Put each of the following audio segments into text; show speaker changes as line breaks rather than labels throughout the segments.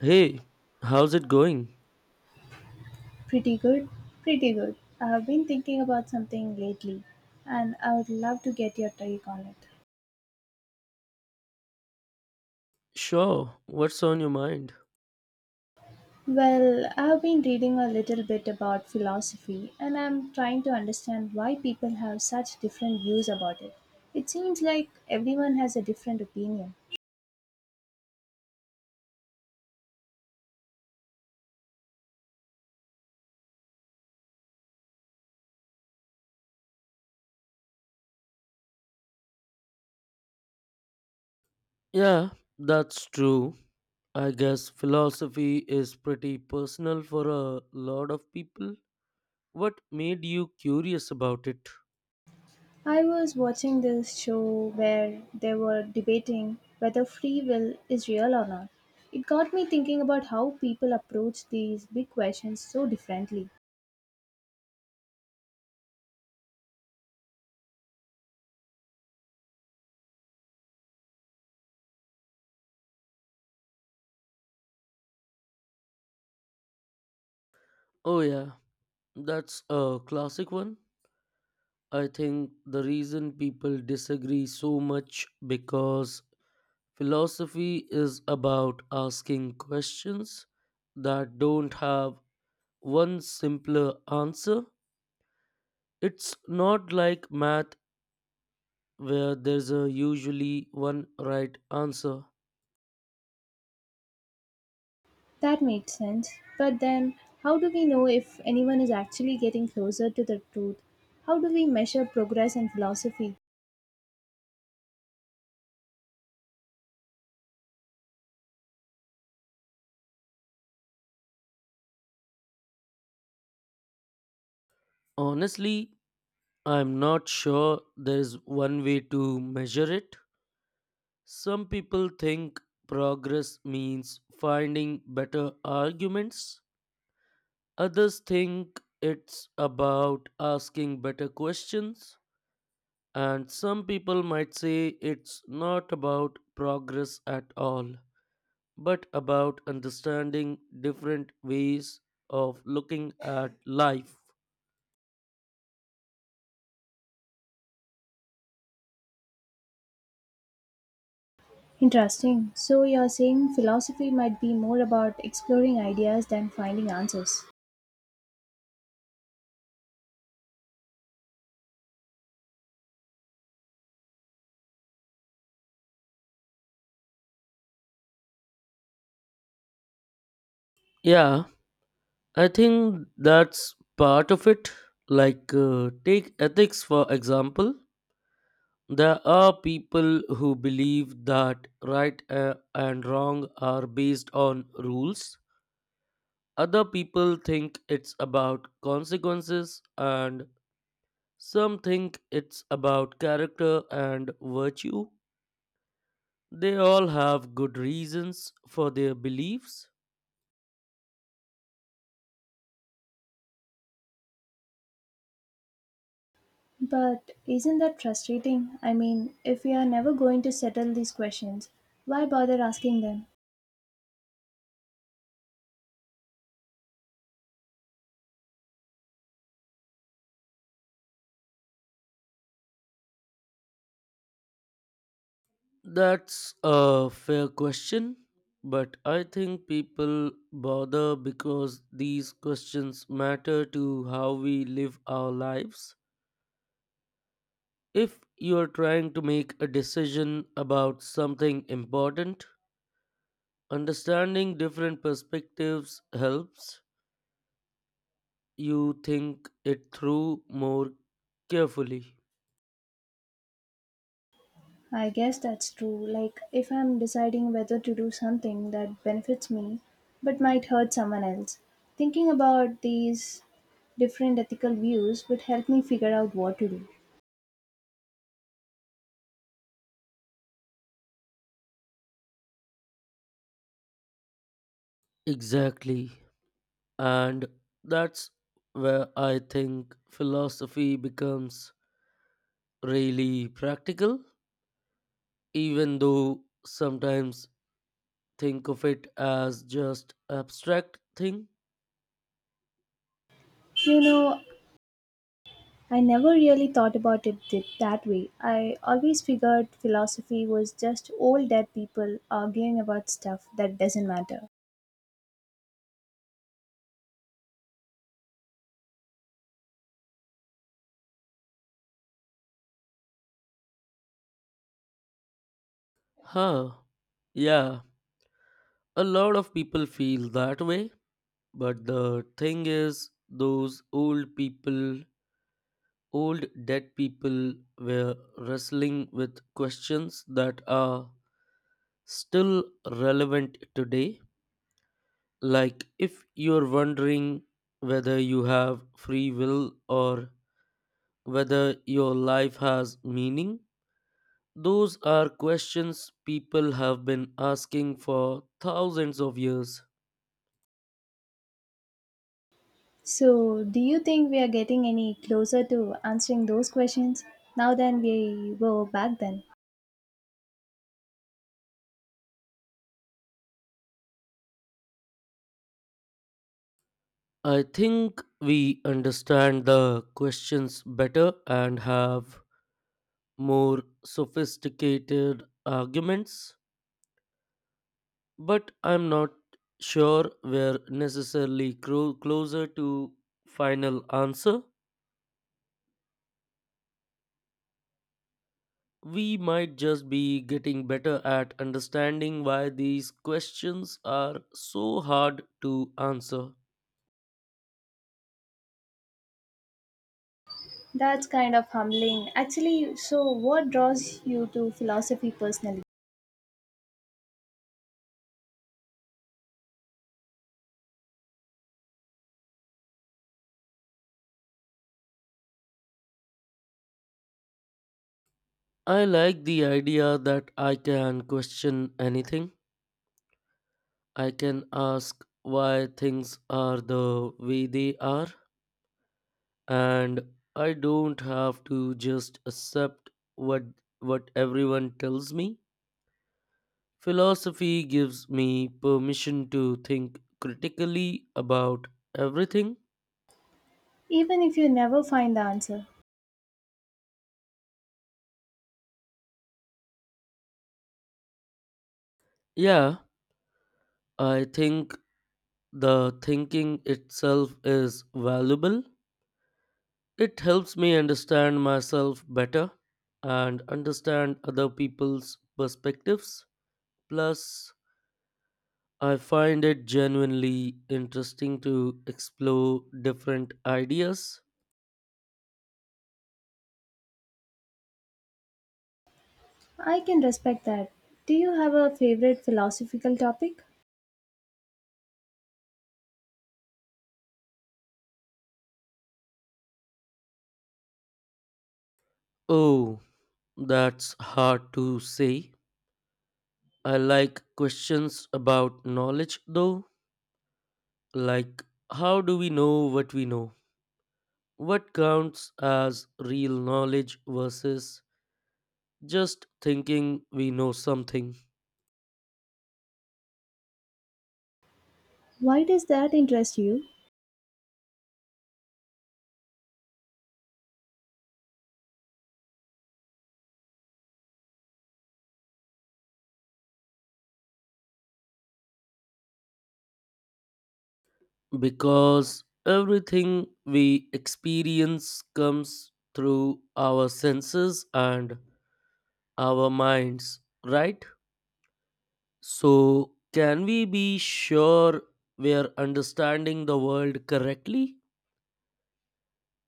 Hey, how's it going?
Pretty good, pretty good. I have been thinking about something lately, and I would love to get your take on it.
Sure, what's on your mind?
Well, I have been reading a little bit about philosophy, and I'm trying to understand why people have such different views about it. It seems like everyone has a different opinion.
Yeah, that's true. I guess philosophy is pretty personal for a lot of people. What made you curious about it?
I was watching this show where they were debating whether free will is real or not. It got me thinking about how people approach these big questions so differently.
Oh, yeah, that's a classic one. I think the reason people disagree so much because philosophy is about asking questions that don't have one simpler answer. It's not like math where there's a usually one right answer.
That makes sense. But then, how do we know if anyone is actually getting closer to the truth? How do we measure progress in philosophy?
Honestly, I'm not sure there's one way to measure it. Some people think progress means finding better arguments. Others think it's about asking better questions. And some people might say it's not about progress at all, but about understanding different ways of looking at life.
Interesting. So, you're saying philosophy might be more about exploring ideas than finding answers.
Yeah, I think that's part of it. Like, take ethics for example. There are people who believe that right and wrong are based on rules. Other people think it's about consequences, and some think it's about character and virtue. They all have good reasons for their beliefs.
But isn't that frustrating? I mean, if we are never going to settle these questions, why bother asking them?
That's a fair question, but I think people bother because these questions matter to how we live our lives. If you are trying to make a decision about something important, understanding different perspectives helps you think it through more carefully.
I guess that's true. Like, if I'm deciding whether to do something that benefits me but might hurt someone else, thinking about these different ethical views would help me figure out what to do.
Exactly. And that's where I think philosophy becomes really practical, even though sometimes think of it as just abstract thing.
You know, I never really thought about it that way. I always figured philosophy was just old dead people arguing about stuff that doesn't matter.
Huh. Yeah, a lot of people feel that way, but the thing is those old people, old dead people were wrestling with questions that are still relevant today. Like, if you're wondering whether you have free will or whether your life has meaning, those are questions people have been asking for thousands of years.
So, do you think we are getting any closer to answering those questions now than we were back then?
I think we understand the questions better and have more sophisticated arguments, but I'm not sure we're necessarily closer to final answer. We might just be getting better at understanding why these questions are so hard to answer.
That's kind of humbling. Actually, so what draws you to philosophy personally?
I like the idea that I can question anything. I can ask why things are the way they are and I don't have to just accept what what everyone tells me. Philosophy gives me permission to think critically about everything.
Even if you never find the answer,
Yeah, I think the thinking itself is valuable. It helps me understand myself better and understand other people's perspectives. Plus, I find it genuinely interesting to explore different ideas.
I can respect that. Do you have a favorite philosophical topic?
Oh, that's hard to say. I like questions about knowledge though, like how do we know? What counts as real knowledge versus just thinking we know something,
Why does that interest you?
because everything we experience comes through our senses and our minds, right? So, can we be sure we are understanding the world correctly?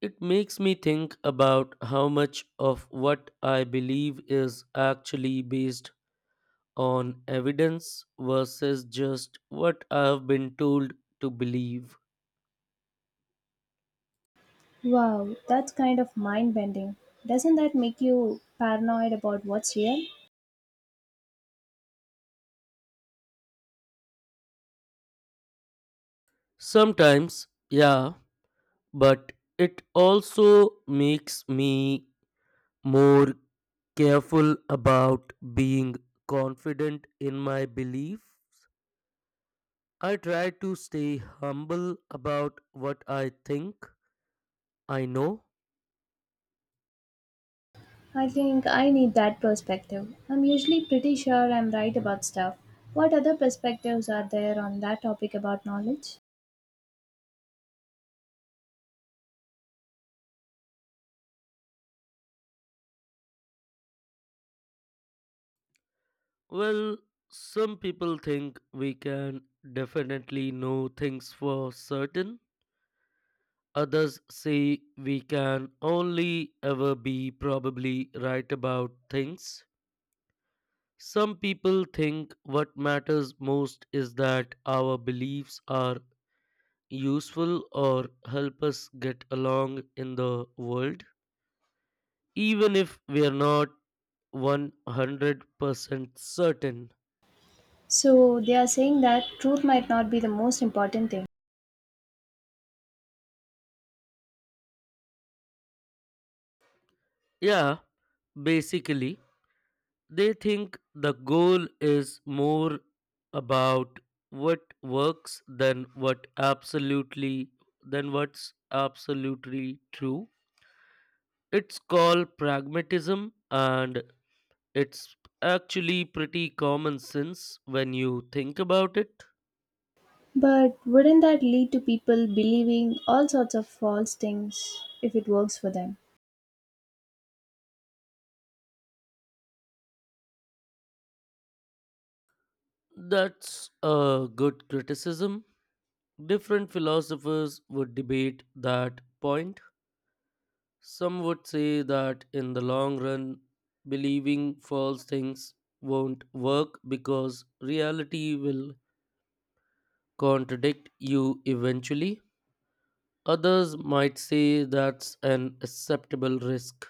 It makes me think about how much of what I believe is actually based on evidence versus just what I have been told to believe.
Wow, that's kind of mind bending. Doesn't that make you paranoid about what's real?
Sometimes, yeah, but it also makes me more careful about being confident in my belief. I try to stay humble about what I think I know.
I think I need that perspective. I'm usually pretty sure I'm right about stuff. What other perspectives are there on that topic about knowledge?
Well, some people think we can definitely know things for certain. Others say we can only ever be probably right about things. Some people think what matters most is that our beliefs are useful or help us get along in the world, even if we are not 100% certain.
So they are saying that truth might not be the most important thing.
Yeah, basically, they think the goal is more about what works than what absolutely than what's absolutely true. It's called pragmatism, and it's actually pretty common sense when you think about it.
But wouldn't that lead to people believing all sorts of false things if it works for them?
That's a good criticism. Different philosophers would debate that point. Some would say that in the long run, believing false things won't work because reality will contradict you eventually. Others might say that's an acceptable risk.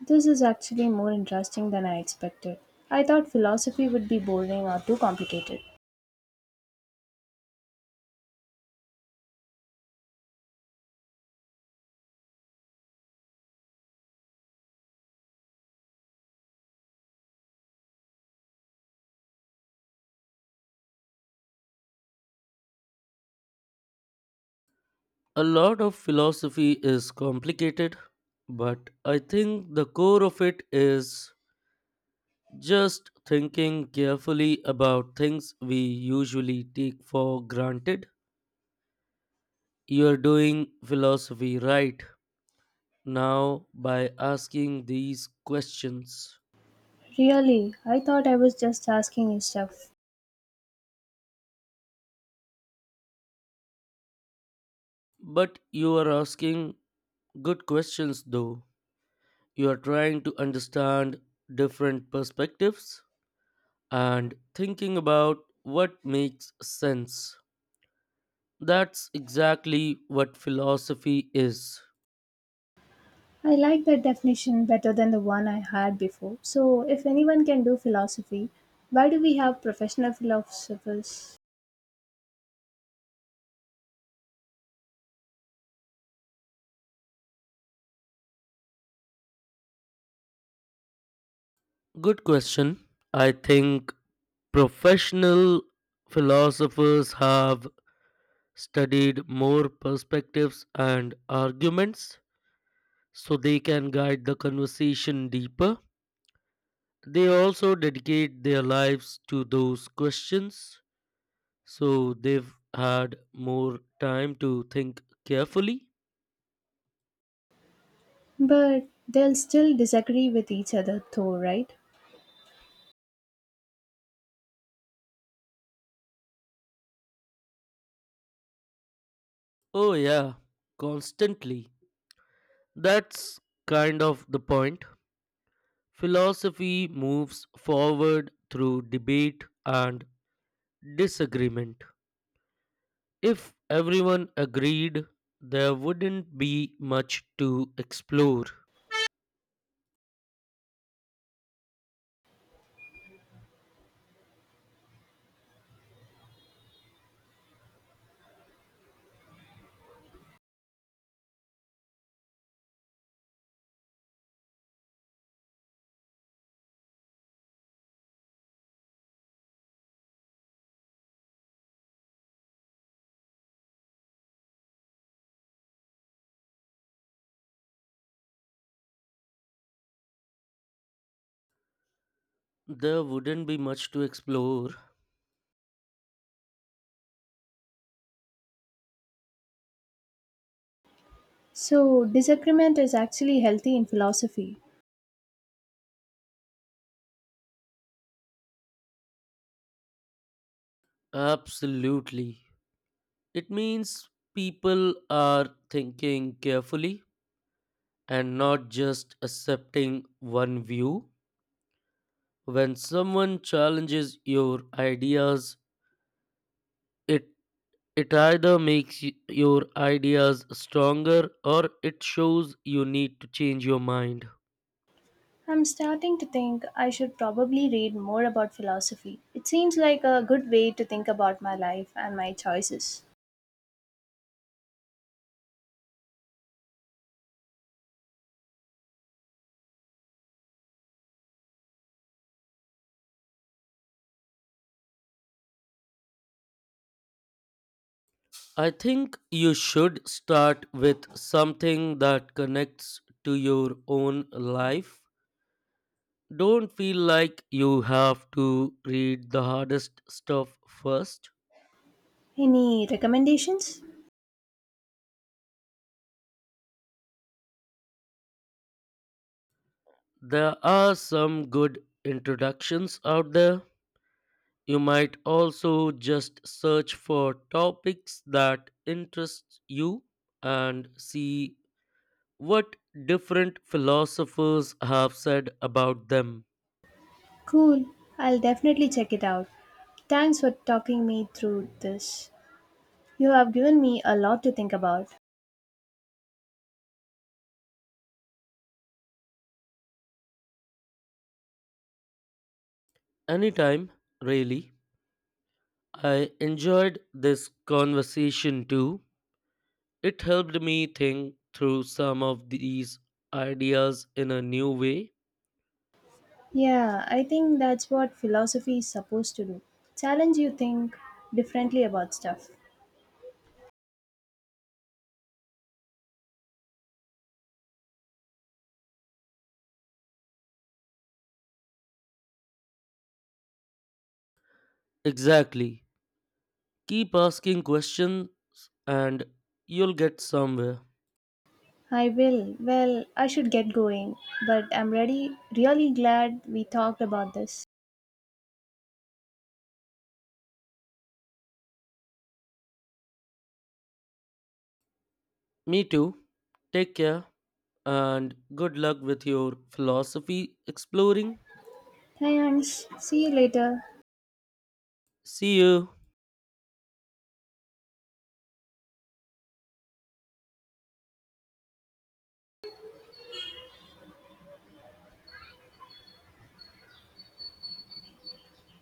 This is actually more interesting than I expected. I thought philosophy would be boring or too complicated.
A lot of philosophy is complicated, but I think the core of it is just thinking carefully about things we usually take for granted. You're doing philosophy right now by asking these questions.
Really, I thought I was just asking you stuff.
But you are asking good questions though. You are trying to understand different perspectives and thinking about what makes sense. That's exactly what philosophy is.
I like that definition better than the one I had before. So, if anyone can do philosophy, why do we have professional philosophers?
Good question. I think professional philosophers have studied more perspectives and arguments so they can guide the conversation deeper. They also dedicate their lives to those questions, so they've had more time to think carefully.
But they'll still disagree with each other, though, right?
Oh, yeah, constantly. That's kind of the point. Philosophy moves forward through debate and disagreement. If everyone agreed, there wouldn't be much to explore. There wouldn't be much to explore.
So, disagreement is actually healthy in philosophy.
Absolutely. It means people are thinking carefully and not just accepting one view. When someone challenges your ideas, It it either makes your ideas stronger or it shows you need to change your mind.
I'm starting to think I should probably read more about philosophy. It seems like a good way to think about my life and my choices.
I think you should start with something that connects to your own life. Don't feel like you have to read the hardest stuff first.
Any recommendations?
There are some good introductions out there. You might also just search for topics that interest you and see what different philosophers have said about them.
Cool, I'll definitely check it out. Thanks for talking me through this. You have given me a lot to think about.
Anytime, really. I enjoyed this conversation too. It helped me think through some of these ideas in a new way.
Yeah, I think that's what philosophy is supposed to do. Challenge you think differently about stuff.
Exactly. Keep asking questions and you'll get somewhere.
I will. Well, I should get going, but I'm ready. Really glad we talked about this.
Me too. Take care and good luck with your philosophy exploring.
Thanks. See you later.
See you.